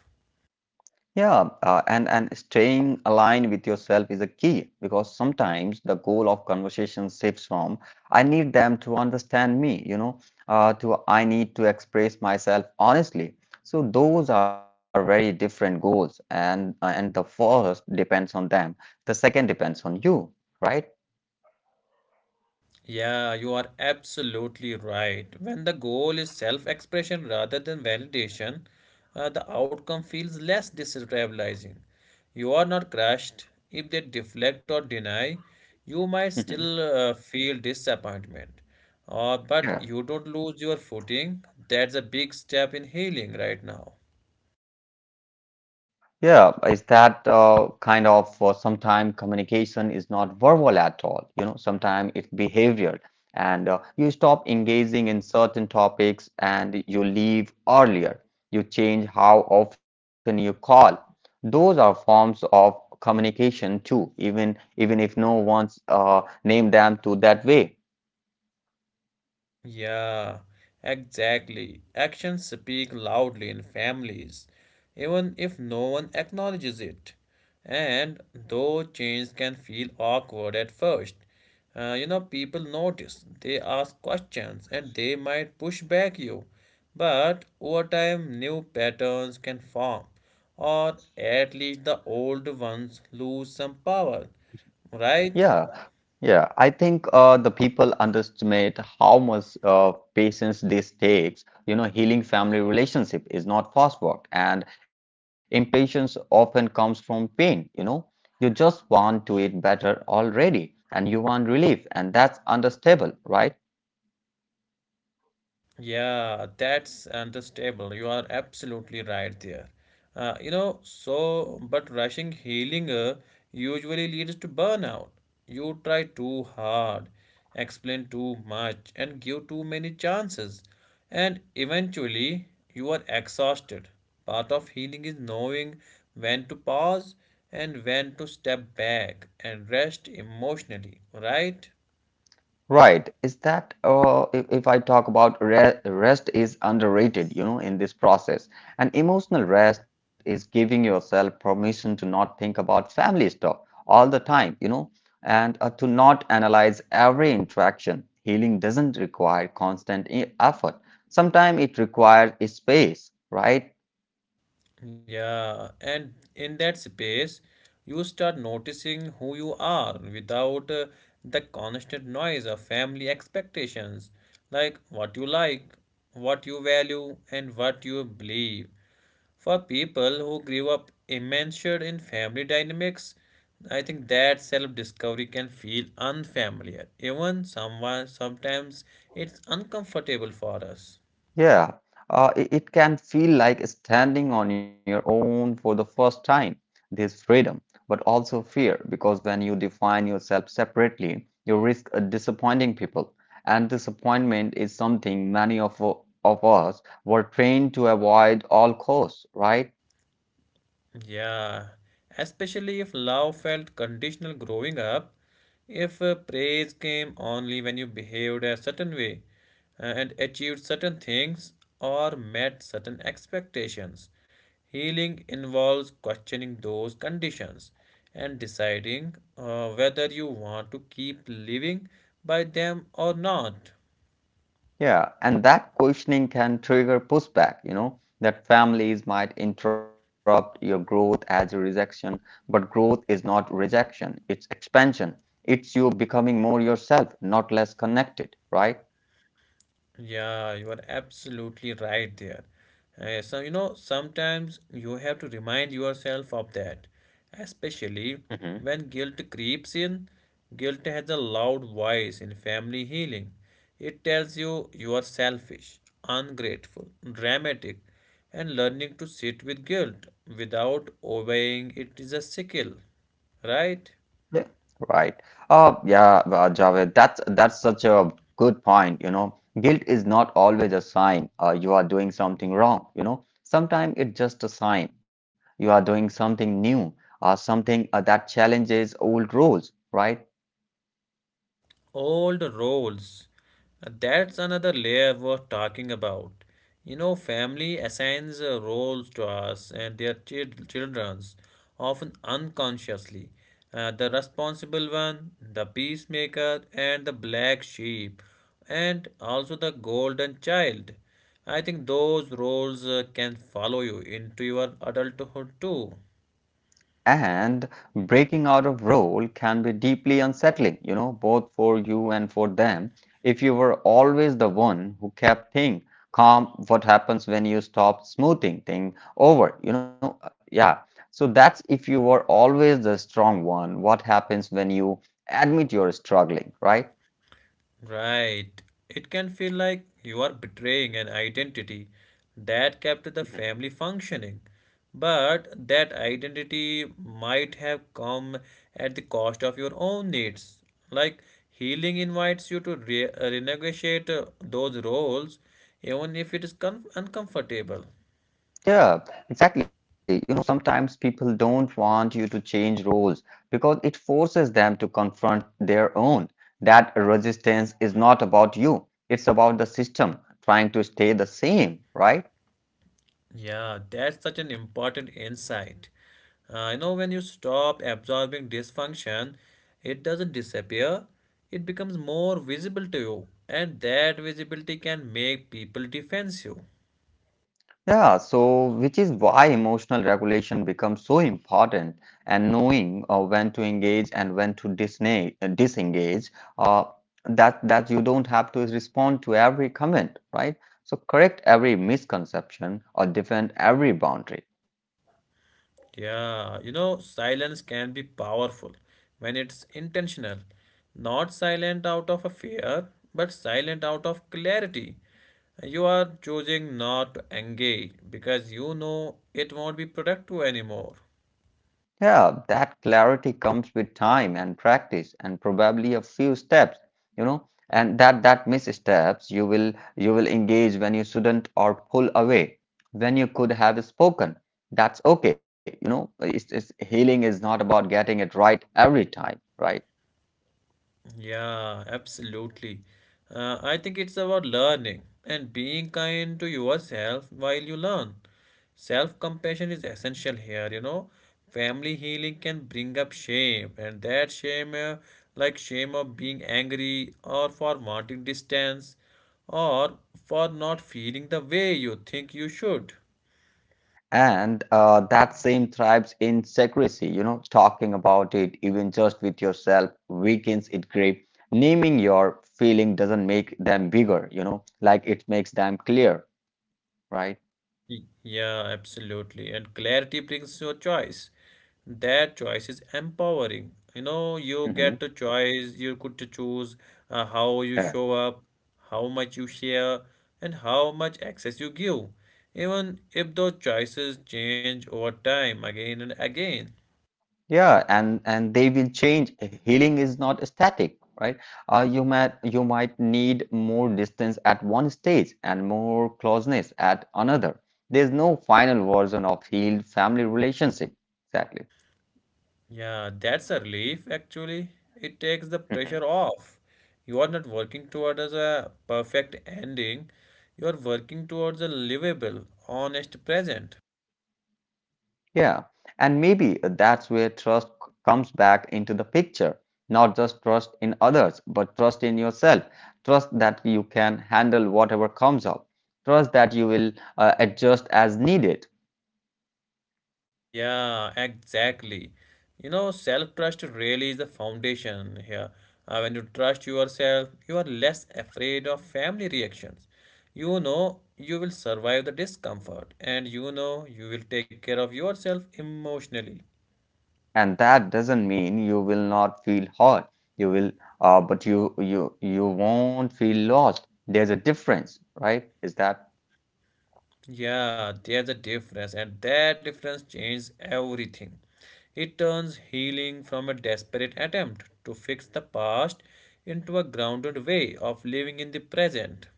Speaker 2: Yeah, uh, and and staying aligned with yourself is a key because sometimes the goal of conversation shifts from I need them to understand me, you know, uh, to I need to express myself honestly. So those are very different goals, and uh, and the first depends on them, the second depends on you, right?
Speaker 1: Yeah, you are absolutely right. When the goal is self expression rather than validation, uh, the outcome feels less destabilizing. You are not crushed. If they deflect or deny, you might
Speaker 2: Mhm.
Speaker 1: still uh, feel disappointment. Uh, but
Speaker 2: Yeah.
Speaker 1: you don't lose your footing. That's a big step in healing right now.
Speaker 2: Yeah, is that uh, kind of uh, sometimes communication is not verbal at all. You know, sometimes it's behavioral, and uh, you stop engaging in certain topics and you leave earlier. You change how often you call. Those are forms of communication too, even even if no one's uh, named them to that way.
Speaker 1: Yeah, exactly. Actions speak loudly in families, even if no one acknowledges it. And though change can feel awkward at first, uh, you know, people notice, they ask questions, and they might push back you. But over time, new patterns can form, or at least the old ones lose some power, right?
Speaker 2: Yeah. Yeah, I think uh, the people underestimate how much uh, patience this takes. You know, healing family relationship is not fast work, and impatience often comes from pain. You know, you just want to eat better already, and you want relief, and that's understandable, right?
Speaker 1: Yeah, that's understandable. You are absolutely right there. Uh, you know, so, but rushing healing uh, usually leads to burnout. You try too hard, explain too much, and give too many chances. And eventually, you are exhausted. Part of healing is knowing when to pause and when to step back and rest emotionally, right?
Speaker 2: Right. Is that uh, if, if I talk about re rest is underrated, you know, in this process. And emotional rest is giving yourself permission to not think about family stuff all the time, you know, and uh, to not analyze every interaction. Healing doesn't require constant e- effort. Sometimes it requires space, right?
Speaker 1: Yeah, and in that space, you start noticing who you are without uh, the constant noise of family expectations, like what you like, what you value, and what you believe. For people who grew up immersed in family dynamics, I think that self-discovery can feel unfamiliar. Even someone sometimes it's uncomfortable for us.
Speaker 2: Yeah, uh, it, it can feel like standing on your own for the first time. There's freedom, but also fear, because when you define yourself separately, you risk uh, disappointing people. And disappointment is something many of, of us were trained to avoid all costs, right?
Speaker 1: Yeah, especially if love felt conditional growing up, if uh, praise came only when you behaved a certain way uh, and achieved certain things or met certain expectations. Healing involves questioning those conditions and deciding uh, whether you want to keep living by them or not.
Speaker 2: Yeah, and that questioning can trigger pushback, you know, that families might interrupt your growth as a rejection, but growth is not rejection, it's expansion. It's you becoming more yourself, not less connected, right?
Speaker 1: Yeah, you are absolutely right there. Uh, so, you know, sometimes you have to remind yourself of that, especially when guilt creeps in. Guilt has a loud voice in family healing. It tells you you are selfish, ungrateful, dramatic, and learning to sit with guilt without obeying it is a skill, right?
Speaker 2: Yeah, right. Uh, yeah, uh, Javed, that's that's such a good point, you know. Guilt is not always a sign uh, you are doing something wrong, you know. Sometimes it's just a sign you are doing something new, uh, something uh, that challenges old rules, right?
Speaker 1: Old roles. Uh, That's another layer worth talking about. You know, family assigns uh, roles to us and their chil- children's, often unconsciously. Uh, the responsible one, the peacemaker, and the black sheep, and also the golden child. I think those roles uh, can follow you into your adulthood too.
Speaker 2: And breaking out of role can be deeply unsettling, you know, both for you and for them. If you were always the one who kept things calm, what happens when you stop smoothing things over? You know, Uh, yeah. So that's if you were always the strong one, what happens when you admit you're struggling, right?
Speaker 1: Right. It can feel like you are betraying an identity that kept the family functioning. But that identity might have come at the cost of your own needs. Like healing invites you to re- renegotiate uh, those roles, even if it is com- uncomfortable.
Speaker 2: Yeah, exactly. You know, sometimes people don't want you to change roles because it forces them to confront their own. That resistance is not about you, it's about the system trying to stay the same, right?
Speaker 1: Yeah, that's such an important insight. Uh, you know, when you stop absorbing dysfunction, it doesn't disappear, it becomes more visible to you, and that visibility can make people defensive.
Speaker 2: Yeah, so which is why emotional regulation becomes so important and knowing uh, when to engage and when to disne- uh, disengage, uh, that, that you don't have to respond to every comment, right? So correct every misconception or defend every boundary.
Speaker 1: Yeah, you know, silence can be powerful when it's intentional, not silent out of a fear, but silent out of clarity. You are choosing not to engage because you know it won't be productive anymore.
Speaker 2: Yeah, that clarity comes with time and practice and probably a few steps, you know, and that that missteps you will you will engage when you shouldn't or pull away when you could have spoken. That's okay, you know. It's, it's healing is not about getting it right every time, right?
Speaker 1: Yeah, absolutely. Uh, I think it's about learning and being kind to yourself while you learn. Self compassion is essential here, you know. Family healing can bring up shame, and that shame, uh, like shame of being angry or for wanting distance or for not feeling the way you think you should.
Speaker 2: And uh, that same thrives in secrecy, you know, talking about it, even just with yourself, weakens its grip. Naming your feeling doesn't make them bigger, you know, like it makes them clear, right?
Speaker 1: Y- Yeah, absolutely. And clarity brings your choice. That choice is empowering. You know, you
Speaker 2: hmm
Speaker 1: get the choice, you could to choose uh, how you
Speaker 2: Yeah.
Speaker 1: show up, how much you share, and how much access you give. Even if those choices change over time again and again.
Speaker 2: Yeah, and and they will change. Healing is not static, right? Uh, you might you might need more distance at one stage and more closeness at another. There's no final version of healed family relationship. Exactly.
Speaker 1: Yeah, that's a relief actually. It takes the pressure off. You are not working towards a perfect ending. You are working towards a livable, honest present.
Speaker 2: Yeah, and maybe that's where trust c- comes back into the picture. Not just trust in others, but trust in yourself. Trust that you can handle whatever comes up. Trust that you will uh, adjust as needed.
Speaker 1: Yeah, exactly. You know, self-trust really is the foundation here. Uh, when you trust yourself, you are less afraid of family reactions. You know you will survive the discomfort and you know you will take care of yourself emotionally.
Speaker 2: And that doesn't mean you will not feel hurt. You will, uh, but you you you won't feel lost. There's a difference, right? Is that.
Speaker 1: Yeah, there's a difference, and that difference changes everything. It turns healing from a desperate attempt to fix the past into a grounded way of living in the present.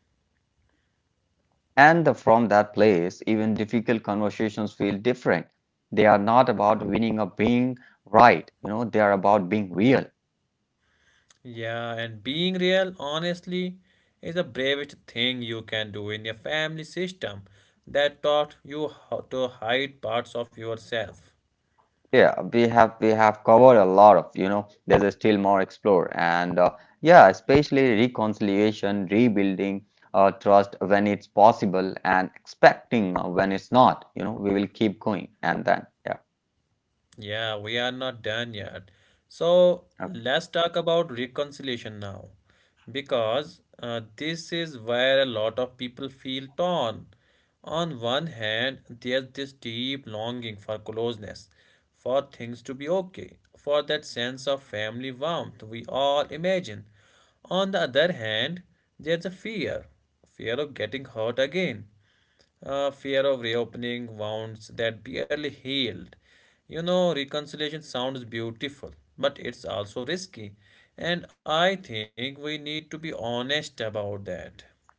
Speaker 2: And the, from that place, even difficult conversations feel different. They are not about winning or being right. You know, they are about being real.
Speaker 1: Yeah, and being real, honestly, is the bravest thing you can do in a family system that taught you how to hide parts of yourself.
Speaker 2: Yeah, we have we have covered a lot of, you know, there's a still more explore. And uh, yeah, especially reconciliation, rebuilding uh, trust when it's possible and expecting uh, when it's not. You know, we will keep going and then, yeah.
Speaker 1: Yeah, we are not done yet. So let's talk about reconciliation now, because uh, this is where a lot of people feel torn. On one hand, there's this deep longing for closeness, for things to be okay, for that sense of family warmth we all imagine. On the other hand, there's a fear fear of getting hurt again uh, fear of reopening wounds that barely healed. You know, reconciliation sounds beautiful, but it's also risky. And I think we need to be honest about that.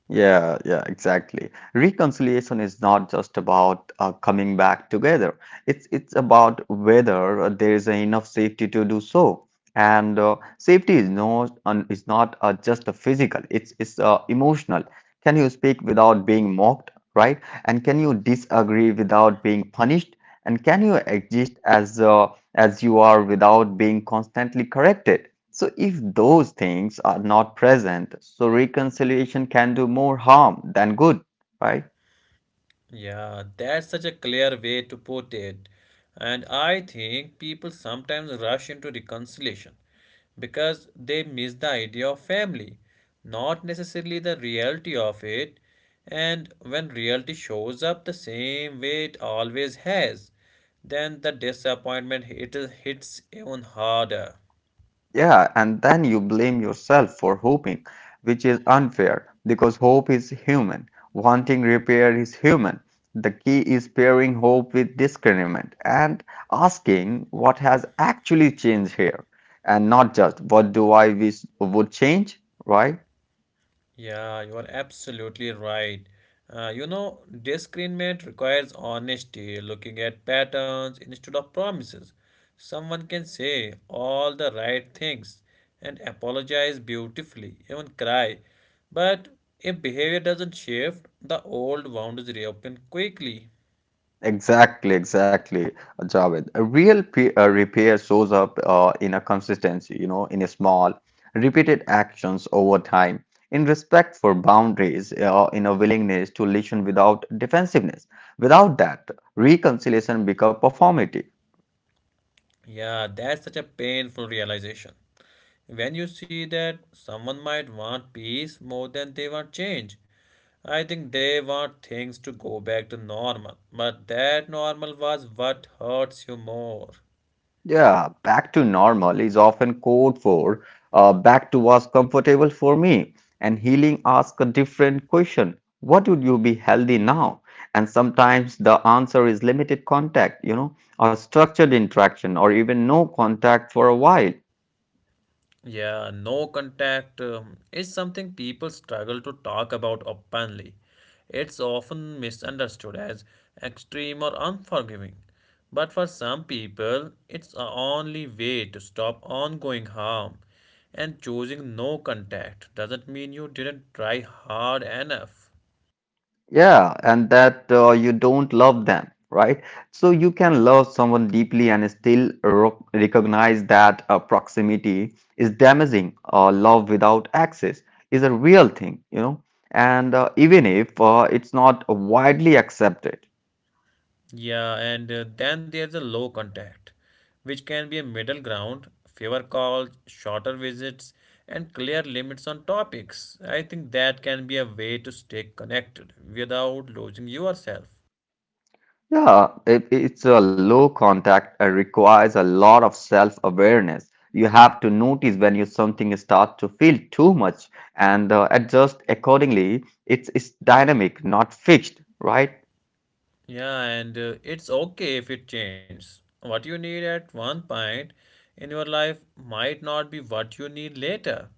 Speaker 2: Yeah, yeah, exactly. Reconciliation is not just about uh, coming back together. It's it's about whether uh, there is enough safety to do so. And uh, safety is no un, is not uh, just a physical. It's it's uh, emotional. Can you speak without being mocked, right? And can you disagree without being punished? And can you exist as uh, as you are without being constantly corrected? So, if those things are not present, so reconciliation can do more harm than good, right?
Speaker 1: Yeah, that's such a clear way to put it. And I think people sometimes rush into reconciliation because they miss the idea of family, not necessarily the reality of it. And when reality shows up the same way it always has, then the disappointment hit, hits even harder.
Speaker 2: Yeah, and then you blame yourself for hoping, which is unfair because hope is human, wanting repair is human. The key is pairing hope with discernment and asking what has actually changed here and not just what do I wish would change, right?
Speaker 1: Yeah, you are absolutely right. Uh, you know, discernment requires honesty, looking at patterns instead of promises. Someone can say all the right things and apologize beautifully, even cry. But if behavior doesn't shift, the old wounds reopen quickly.
Speaker 2: Exactly, exactly, Uh, Javed. A real pe- uh, repair shows up uh, in a consistency, you know, in a small, repeated actions over time, in respect for boundaries, uh, in a willingness to listen without defensiveness. Without that, reconciliation becomes performative.
Speaker 1: Yeah, that's such a painful realization. When you see that someone might want peace more than they want change, I think they want things to go back to normal, but that normal was what hurts you more.
Speaker 2: Yeah, back to normal is often code for uh, back to what's comfortable for me. And healing asks a different question. What would you be healthy now? And sometimes the answer is limited contact, you know, or structured interaction, or even no contact for a while.
Speaker 1: Yeah, no contact um, is something people struggle to talk about openly. It's often misunderstood as extreme or unforgiving. But for some people, it's the only way to stop ongoing harm. And choosing no contact doesn't mean you didn't try hard enough.
Speaker 2: Yeah, and that uh, you don't love them, right? So you can love someone deeply and still ro- recognize that uh, proximity is damaging. Uh, love without access is a real thing, you know, and uh, even if uh, it's not widely accepted.
Speaker 1: Yeah, and uh, then there's a low contact, which can be a middle ground, fewer calls, shorter visits, and clear limits on topics. I think that can be a way to stay connected without losing yourself.
Speaker 2: Yeah, it, it's a low contact. It requires a lot of self-awareness. You have to notice when you something start to feel too much and uh, adjust accordingly. It's it's dynamic, not fixed, right?
Speaker 1: Yeah, and uh, it's okay if it changes. What you need at one point in your life might not be what you need later.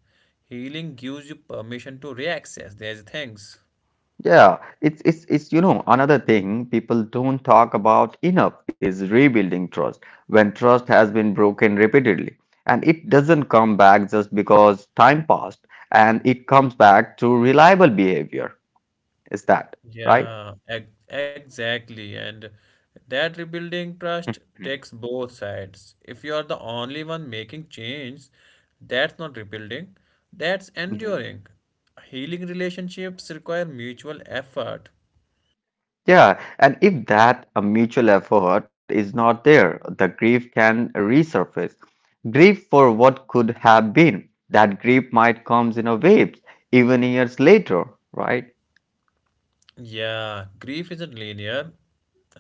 Speaker 1: Healing gives you permission to reaccess these things.
Speaker 2: Yeah, it's it's it's you know another thing people don't talk about enough is rebuilding trust. When trust has been broken repeatedly, and it doesn't come back just because time passed, and it comes back to reliable behavior. Is that right?
Speaker 1: Yeah, ex- exactly. And that rebuilding trust takes both sides. If you are the only one making change, that's not rebuilding, that's
Speaker 2: Mhm.
Speaker 1: enduring. Healing relationships require mutual effort.
Speaker 2: Yeah, and if that a mutual effort is not there, the grief can resurface. Grief for what could have been. That grief might comes in a waves, even years later, right?
Speaker 1: Yeah, grief isn't linear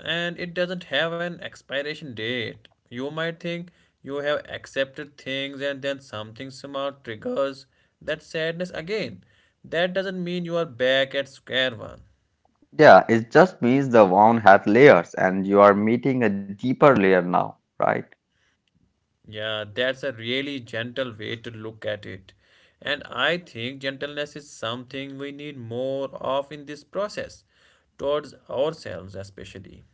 Speaker 1: and it doesn't have an expiration date. You might think you have accepted things and then something small triggers that sadness again. That doesn't mean you are back at square one.
Speaker 2: Yeah, it just means the wound has layers and you are meeting a deeper layer now, right?
Speaker 1: Yeah, that's a really gentle way to look at it. And I think gentleness is something we need more of in this process, towards ourselves especially.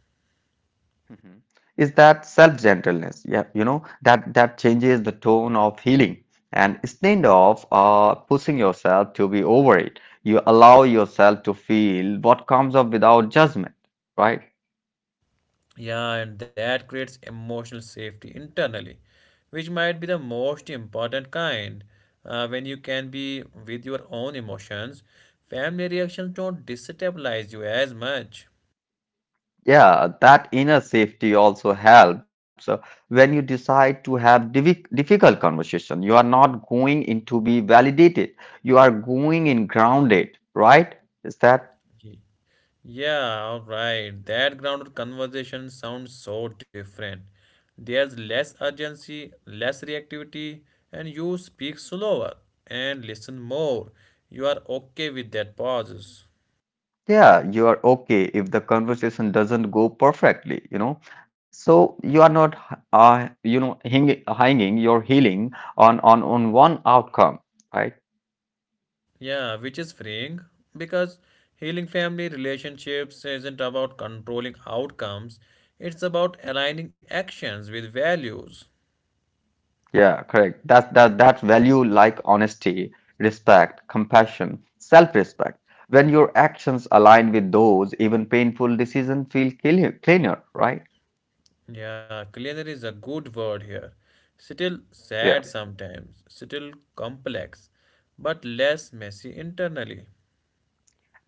Speaker 2: Mhm. Is that self-gentleness. Yeah, you know that that changes the tone of healing. And instead of uh, pushing yourself to be over it, you allow yourself to feel what comes up without judgment, right?
Speaker 1: Yeah, and that creates emotional safety internally, which might be the most important kind. Uh, when you can be with your own emotions, family reactions don't destabilize you as much.
Speaker 2: Yeah, that inner safety also helps uh, when you decide to have divi- difficult conversation. You are not going in to be validated. You are going in grounded, right? Is that?
Speaker 1: Okay. Yeah, all right. That grounded conversation sounds so different. There's less urgency, less reactivity, and you speak slower and listen more. You are okay with that pauses.
Speaker 2: Yeah, you are okay if the conversation doesn't go perfectly, you know. So you are not, uh, you know, hang, hanging your healing on on on one outcome, right?
Speaker 1: Yeah, which is freeing because healing family relationships isn't about controlling outcomes, it's about aligning actions with values.
Speaker 2: Yeah, correct. That's that that value like honesty, respect, compassion, self-respect. When your actions align with those, even painful decisions feel clear, cleaner, right?
Speaker 1: Yeah, cleaner is a good word here. Still
Speaker 2: Yeah.
Speaker 1: sad sometimes, still complex, but less messy internally.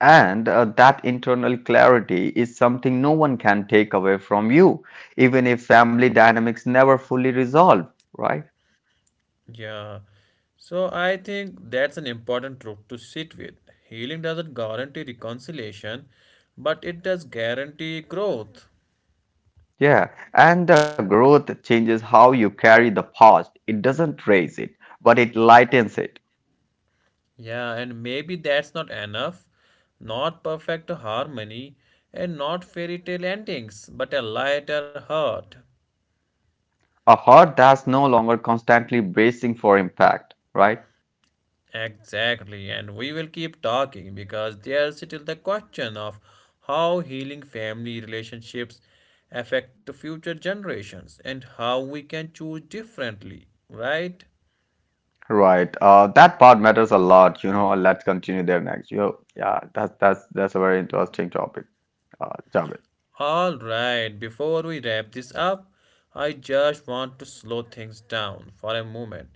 Speaker 2: And uh, that internal clarity is something no one can take away from you, even if family dynamics never fully resolve, right?
Speaker 1: Yeah, so I think that's an important truth to sit with. Healing doesn't guarantee reconciliation, but it does guarantee growth.
Speaker 2: Yeah. And the growth changes how you carry the past. It doesn't raise it, but it lightens it.
Speaker 1: Yeah, and maybe that's not enough. Not perfect harmony and not fairy tale endings, but a lighter heart.
Speaker 2: A heart that's no longer constantly bracing for impact, right?
Speaker 1: Exactly, and we will keep talking because there's still the question of how healing family relationships affect future generations and how we can choose differently, right?
Speaker 2: Right. Uh, that part matters a lot, you know. Let's continue there next. You know, yeah, that's that's that's a very interesting topic, uh, Javed.
Speaker 1: All right, before we wrap this up, I just want to slow things down for a moment.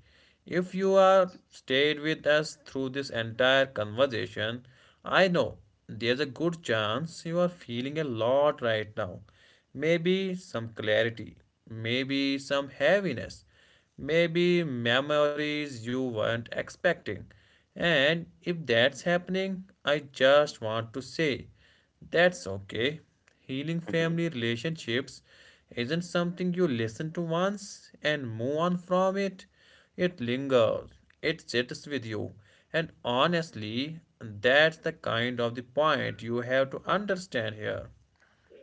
Speaker 1: If you are stayed with us through this entire conversation, I know there's a good chance you are feeling a lot right now. Maybe some clarity, maybe some heaviness, maybe memories you weren't expecting. And if that's happening, I just want to say that's okay. Healing family relationships isn't something you listen to once and move on from it. It lingers, it sits with you. And honestly, that's the kind of the point you have to understand here.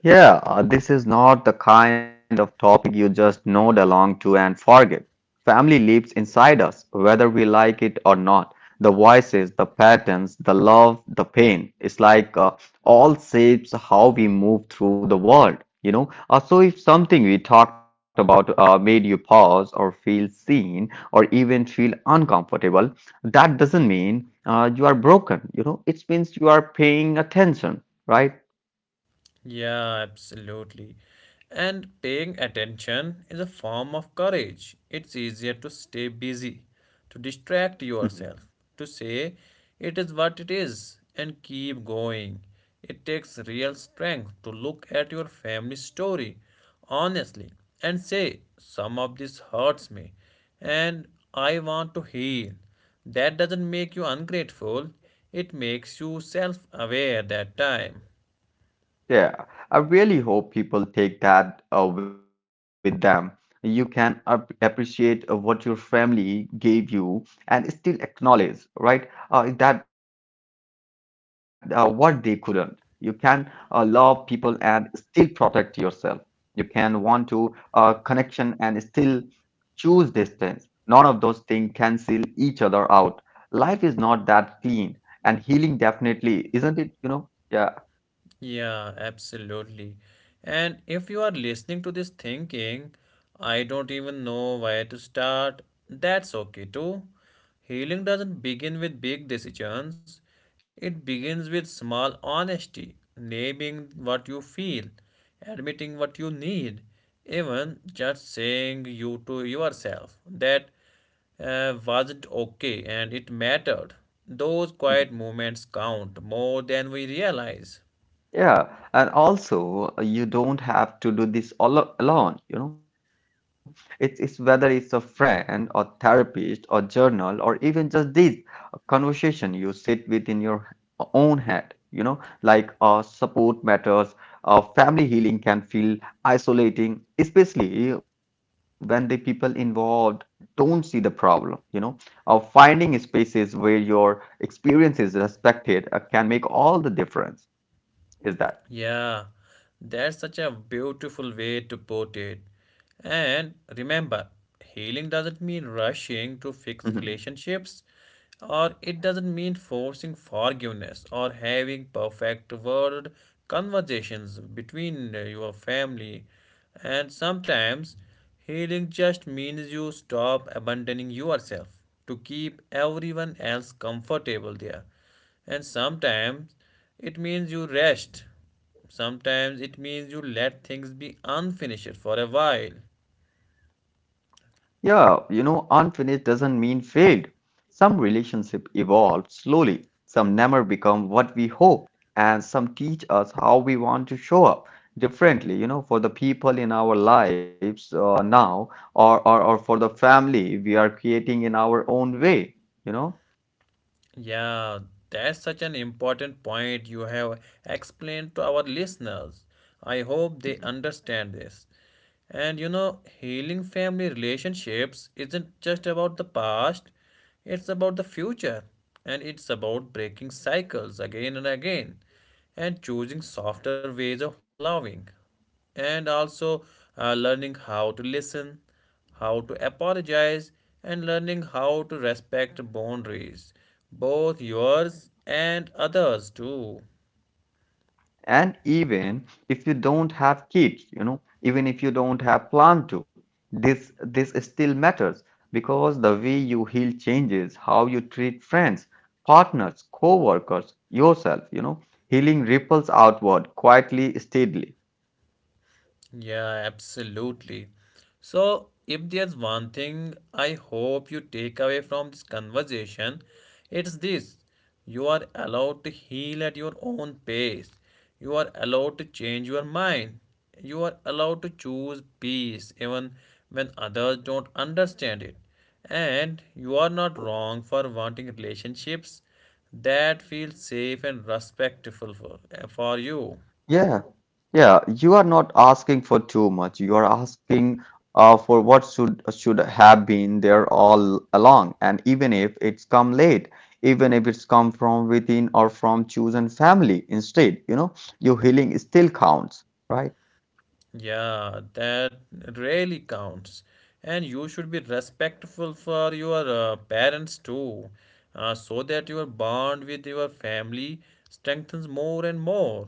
Speaker 2: Yeah, uh, this is not the kind of topic you just nod along to and forget. Family lives inside us, whether we like it or not. The voices, the patterns, the love, the pain. It's like uh, all shapes how we move through the world, you know. Uh, so if something we talked about uh, made you pause or feel seen or even feel uncomfortable, that doesn't mean uh, you are broken, you know. It means you are paying attention, right?
Speaker 1: Yeah, absolutely. And paying attention is a form of courage. It's easier to stay busy, to distract yourself, to say it is what it is and keep going. It takes real strength to look at your family story honestly and say, some of this hurts me and I want to heal. That doesn't make you ungrateful, it makes you self aware that time.
Speaker 2: Yeah, I really hope people take that uh, with them. You can ap- appreciate uh, what your family gave you and still acknowledge, right, uh, that uh, what they couldn't. You can uh, love people and still protect yourself. You can want to uh, connection and still choose distance. None of those things cancel each other out. Life is not that clean, and healing definitely isn't it, you know? Yeah.
Speaker 1: Yeah, absolutely. And if you are listening to this thinking, I don't even know where to start, that's okay too. Healing doesn't begin with big decisions, it begins with small honesty, naming what you feel, admitting what you need, even just saying you to yourself that uh, wasn't okay and it mattered. Those
Speaker 2: Mm-hmm.
Speaker 1: quiet moments count more than we realize.
Speaker 2: Yeah, and also uh, you don't have to do this all a- alone, you know. It's, it's whether it's a friend or therapist or journal or even just this conversation you sit with in your own head, you know, like uh, support matters, uh, family healing can feel isolating, especially when the people involved don't see the problem, you know. Uh, finding spaces where your experience is respected uh, can make all the difference. Is that?
Speaker 1: Yeah, that's such a beautiful way to put it. And remember, healing doesn't mean rushing to
Speaker 2: Mhm.
Speaker 1: fix relationships, or it doesn't mean forcing forgiveness or having perfect word conversations between uh, your family. And sometimes healing just means you stop abandoning yourself to keep everyone else comfortable there. And sometimes it means you rest. Sometimes it means you let things be unfinished for a while.
Speaker 2: Yeah, you know, unfinished doesn't mean failed. Some relationship evolve slowly. Some never become what we hoped, and some teach us how we want to show up differently. You know, for the people in our lives uh, now, or, or or for the family we are creating in our own way. You know.
Speaker 1: Yeah, that's such an important point you have explained to our listeners. I hope they
Speaker 2: Mhm.
Speaker 1: understand this. And you know, healing family relationships isn't just about the past, it's about the future. And it's about breaking cycles again and again and choosing softer ways of loving and also uh, learning how to listen, how to apologize, and learning how to respect boundaries, both yours and others too.
Speaker 2: And even if you don't have kids, you know, even if you don't have plan to, this this still matters because the way you heal changes how you treat friends partners co-workers yourself, you know, healing ripples outward quietly steadily.
Speaker 1: Yeah, absolutely. So, if there's one thing I hope you take away from this conversation, it's this. You are allowed to heal at your own pace. You are allowed to change your mind. You are allowed to choose peace even when others don't understand it. And you are not wrong for wanting relationships that feel safe and respectful for, for you.
Speaker 2: Yeah, yeah, you are not asking for too much. You are asking uh, for what should should have been there all along, and even if it's come late, even if it's come from within or from chosen family instead, you know, your healing still counts, right?
Speaker 1: Yeah, that really counts. And you should be respectful for your uh, parents too, uh, so that your bond with your family strengthens more and more.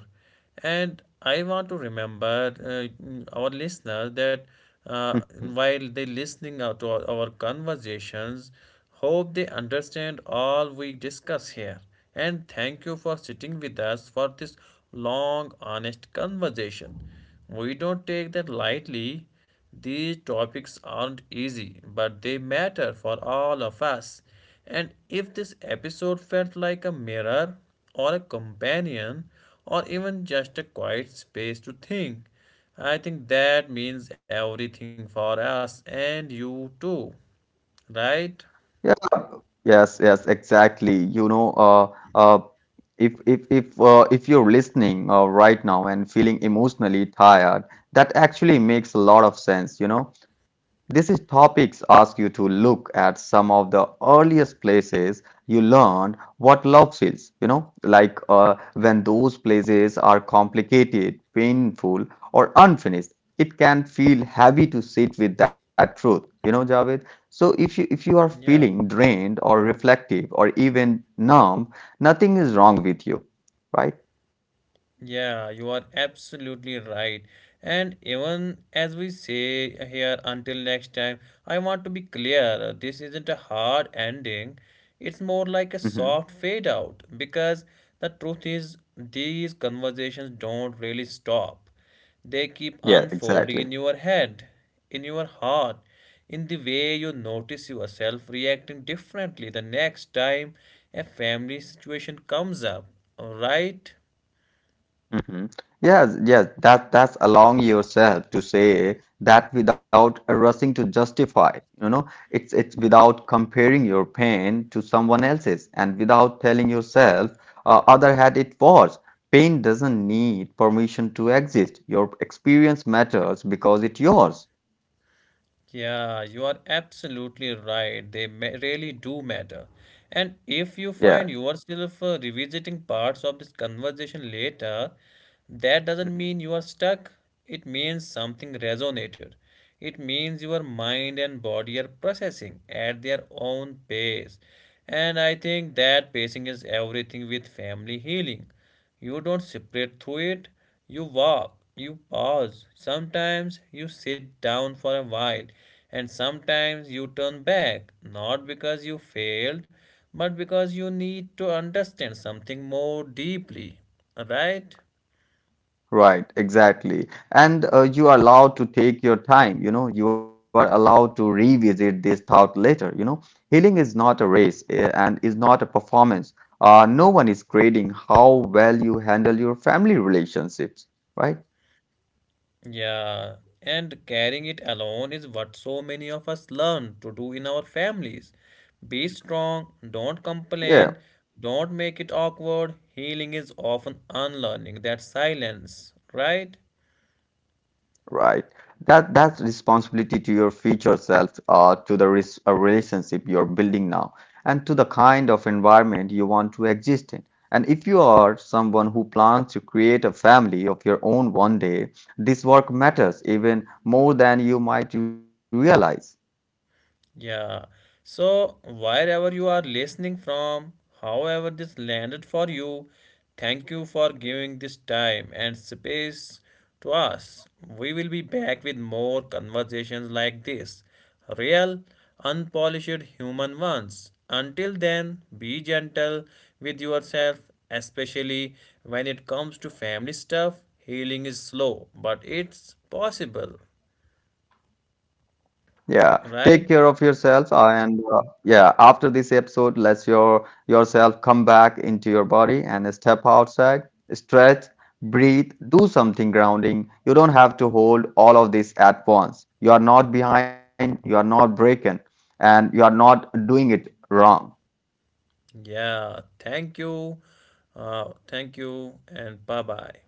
Speaker 1: And I want to remember uh, our listeners that uh,
Speaker 2: Mhm.
Speaker 1: while they listening out to our, our conversations, hope they understand all we discuss here. And thank you for sitting with us for this long, honest conversation. We don't take that lightly. These topics aren't easy, but they matter for all of us. And if this episode felt like a mirror, or a companion, or even just a quiet space to think, I think that means everything for us and you too, right?
Speaker 2: Yeah, yes, yes, exactly. You know, uh, uh, if if if uh, if you're listening uh, right now and feeling emotionally tired, that actually makes a lot of sense. You know, this is topics ask you to look at some of the earliest places you learned what love feels. You know, like uh, when those places are complicated, painful, or unfinished, it can feel heavy to sit with that truth. You know, Javed. So if you if you are feeling
Speaker 1: Yeah.
Speaker 2: drained or reflective or even numb, nothing is wrong with you, right?
Speaker 1: Yeah, you are absolutely right. And even as we say here, until next time, I want to be clear this isn't a hard ending, it's more like a
Speaker 2: Hmm.
Speaker 1: soft fade out because the truth is, these conversations don't really stop. They keep
Speaker 2: Yeah,
Speaker 1: unfolding
Speaker 2: exactly.
Speaker 1: in your head, in your heart, in the way you notice yourself reacting differently the next time a family situation comes up, right?
Speaker 2: Hmm. Yes, yes, that that's allowing yourself to say that without rushing to justify, you know, it's it's without comparing your pain to someone else's and without telling yourself uh, other had it worse. Pain doesn't need permission to exist. Your experience matters because it's yours.
Speaker 1: Yeah, you are absolutely right. They ma- really do matter. And if you
Speaker 2: Yeah.
Speaker 1: find yourself uh, revisiting parts of this conversation later, that doesn't mean you are stuck. It means something resonated. It means your mind and body are processing at their own pace. And I think that pacing is everything with family healing. You don't separate through it. You walk, you pause. Sometimes you sit down for a while, and sometimes you turn back, not because you failed, but because you need to understand something more deeply. Right?
Speaker 2: Right, exactly. And uh, you are allowed to take your time, you know, you are allowed to revisit this thought later, you know. Healing is not a race eh, and is not a performance. Uh, no one is grading how well you handle your family relationships, right?
Speaker 1: Yeah, and carrying it alone is what so many of us learn to do in our families. Be strong,
Speaker 2: Yeah.
Speaker 1: don't complain, don't make it awkward. Healing is often unlearning that silence, right?
Speaker 2: Right. That that's responsibility to your future self, uh, to the res uh, relationship you're building now, and to the kind of environment you want to exist in. And if you are someone who plans to create a family of your own one day, this work matters even more than you might realize.
Speaker 1: Yeah. So, wherever you are listening from, however this landed for you, thank you for giving this time and space to us. We will be back with more conversations like this, real, unpolished human ones. Until then, be gentle with yourself, especially when it comes to family stuff. Healing is slow, but it's possible,
Speaker 2: Yeah,
Speaker 1: right?
Speaker 2: take care of yourself uh, and uh, yeah, after this episode, let your yourself come back into your body and step outside, stretch, breathe, do something grounding. You don't have to hold all of this at once. You are not behind, you are not broken, and you are not doing it wrong.
Speaker 1: Yeah, thank you. Uh, thank you, and bye bye.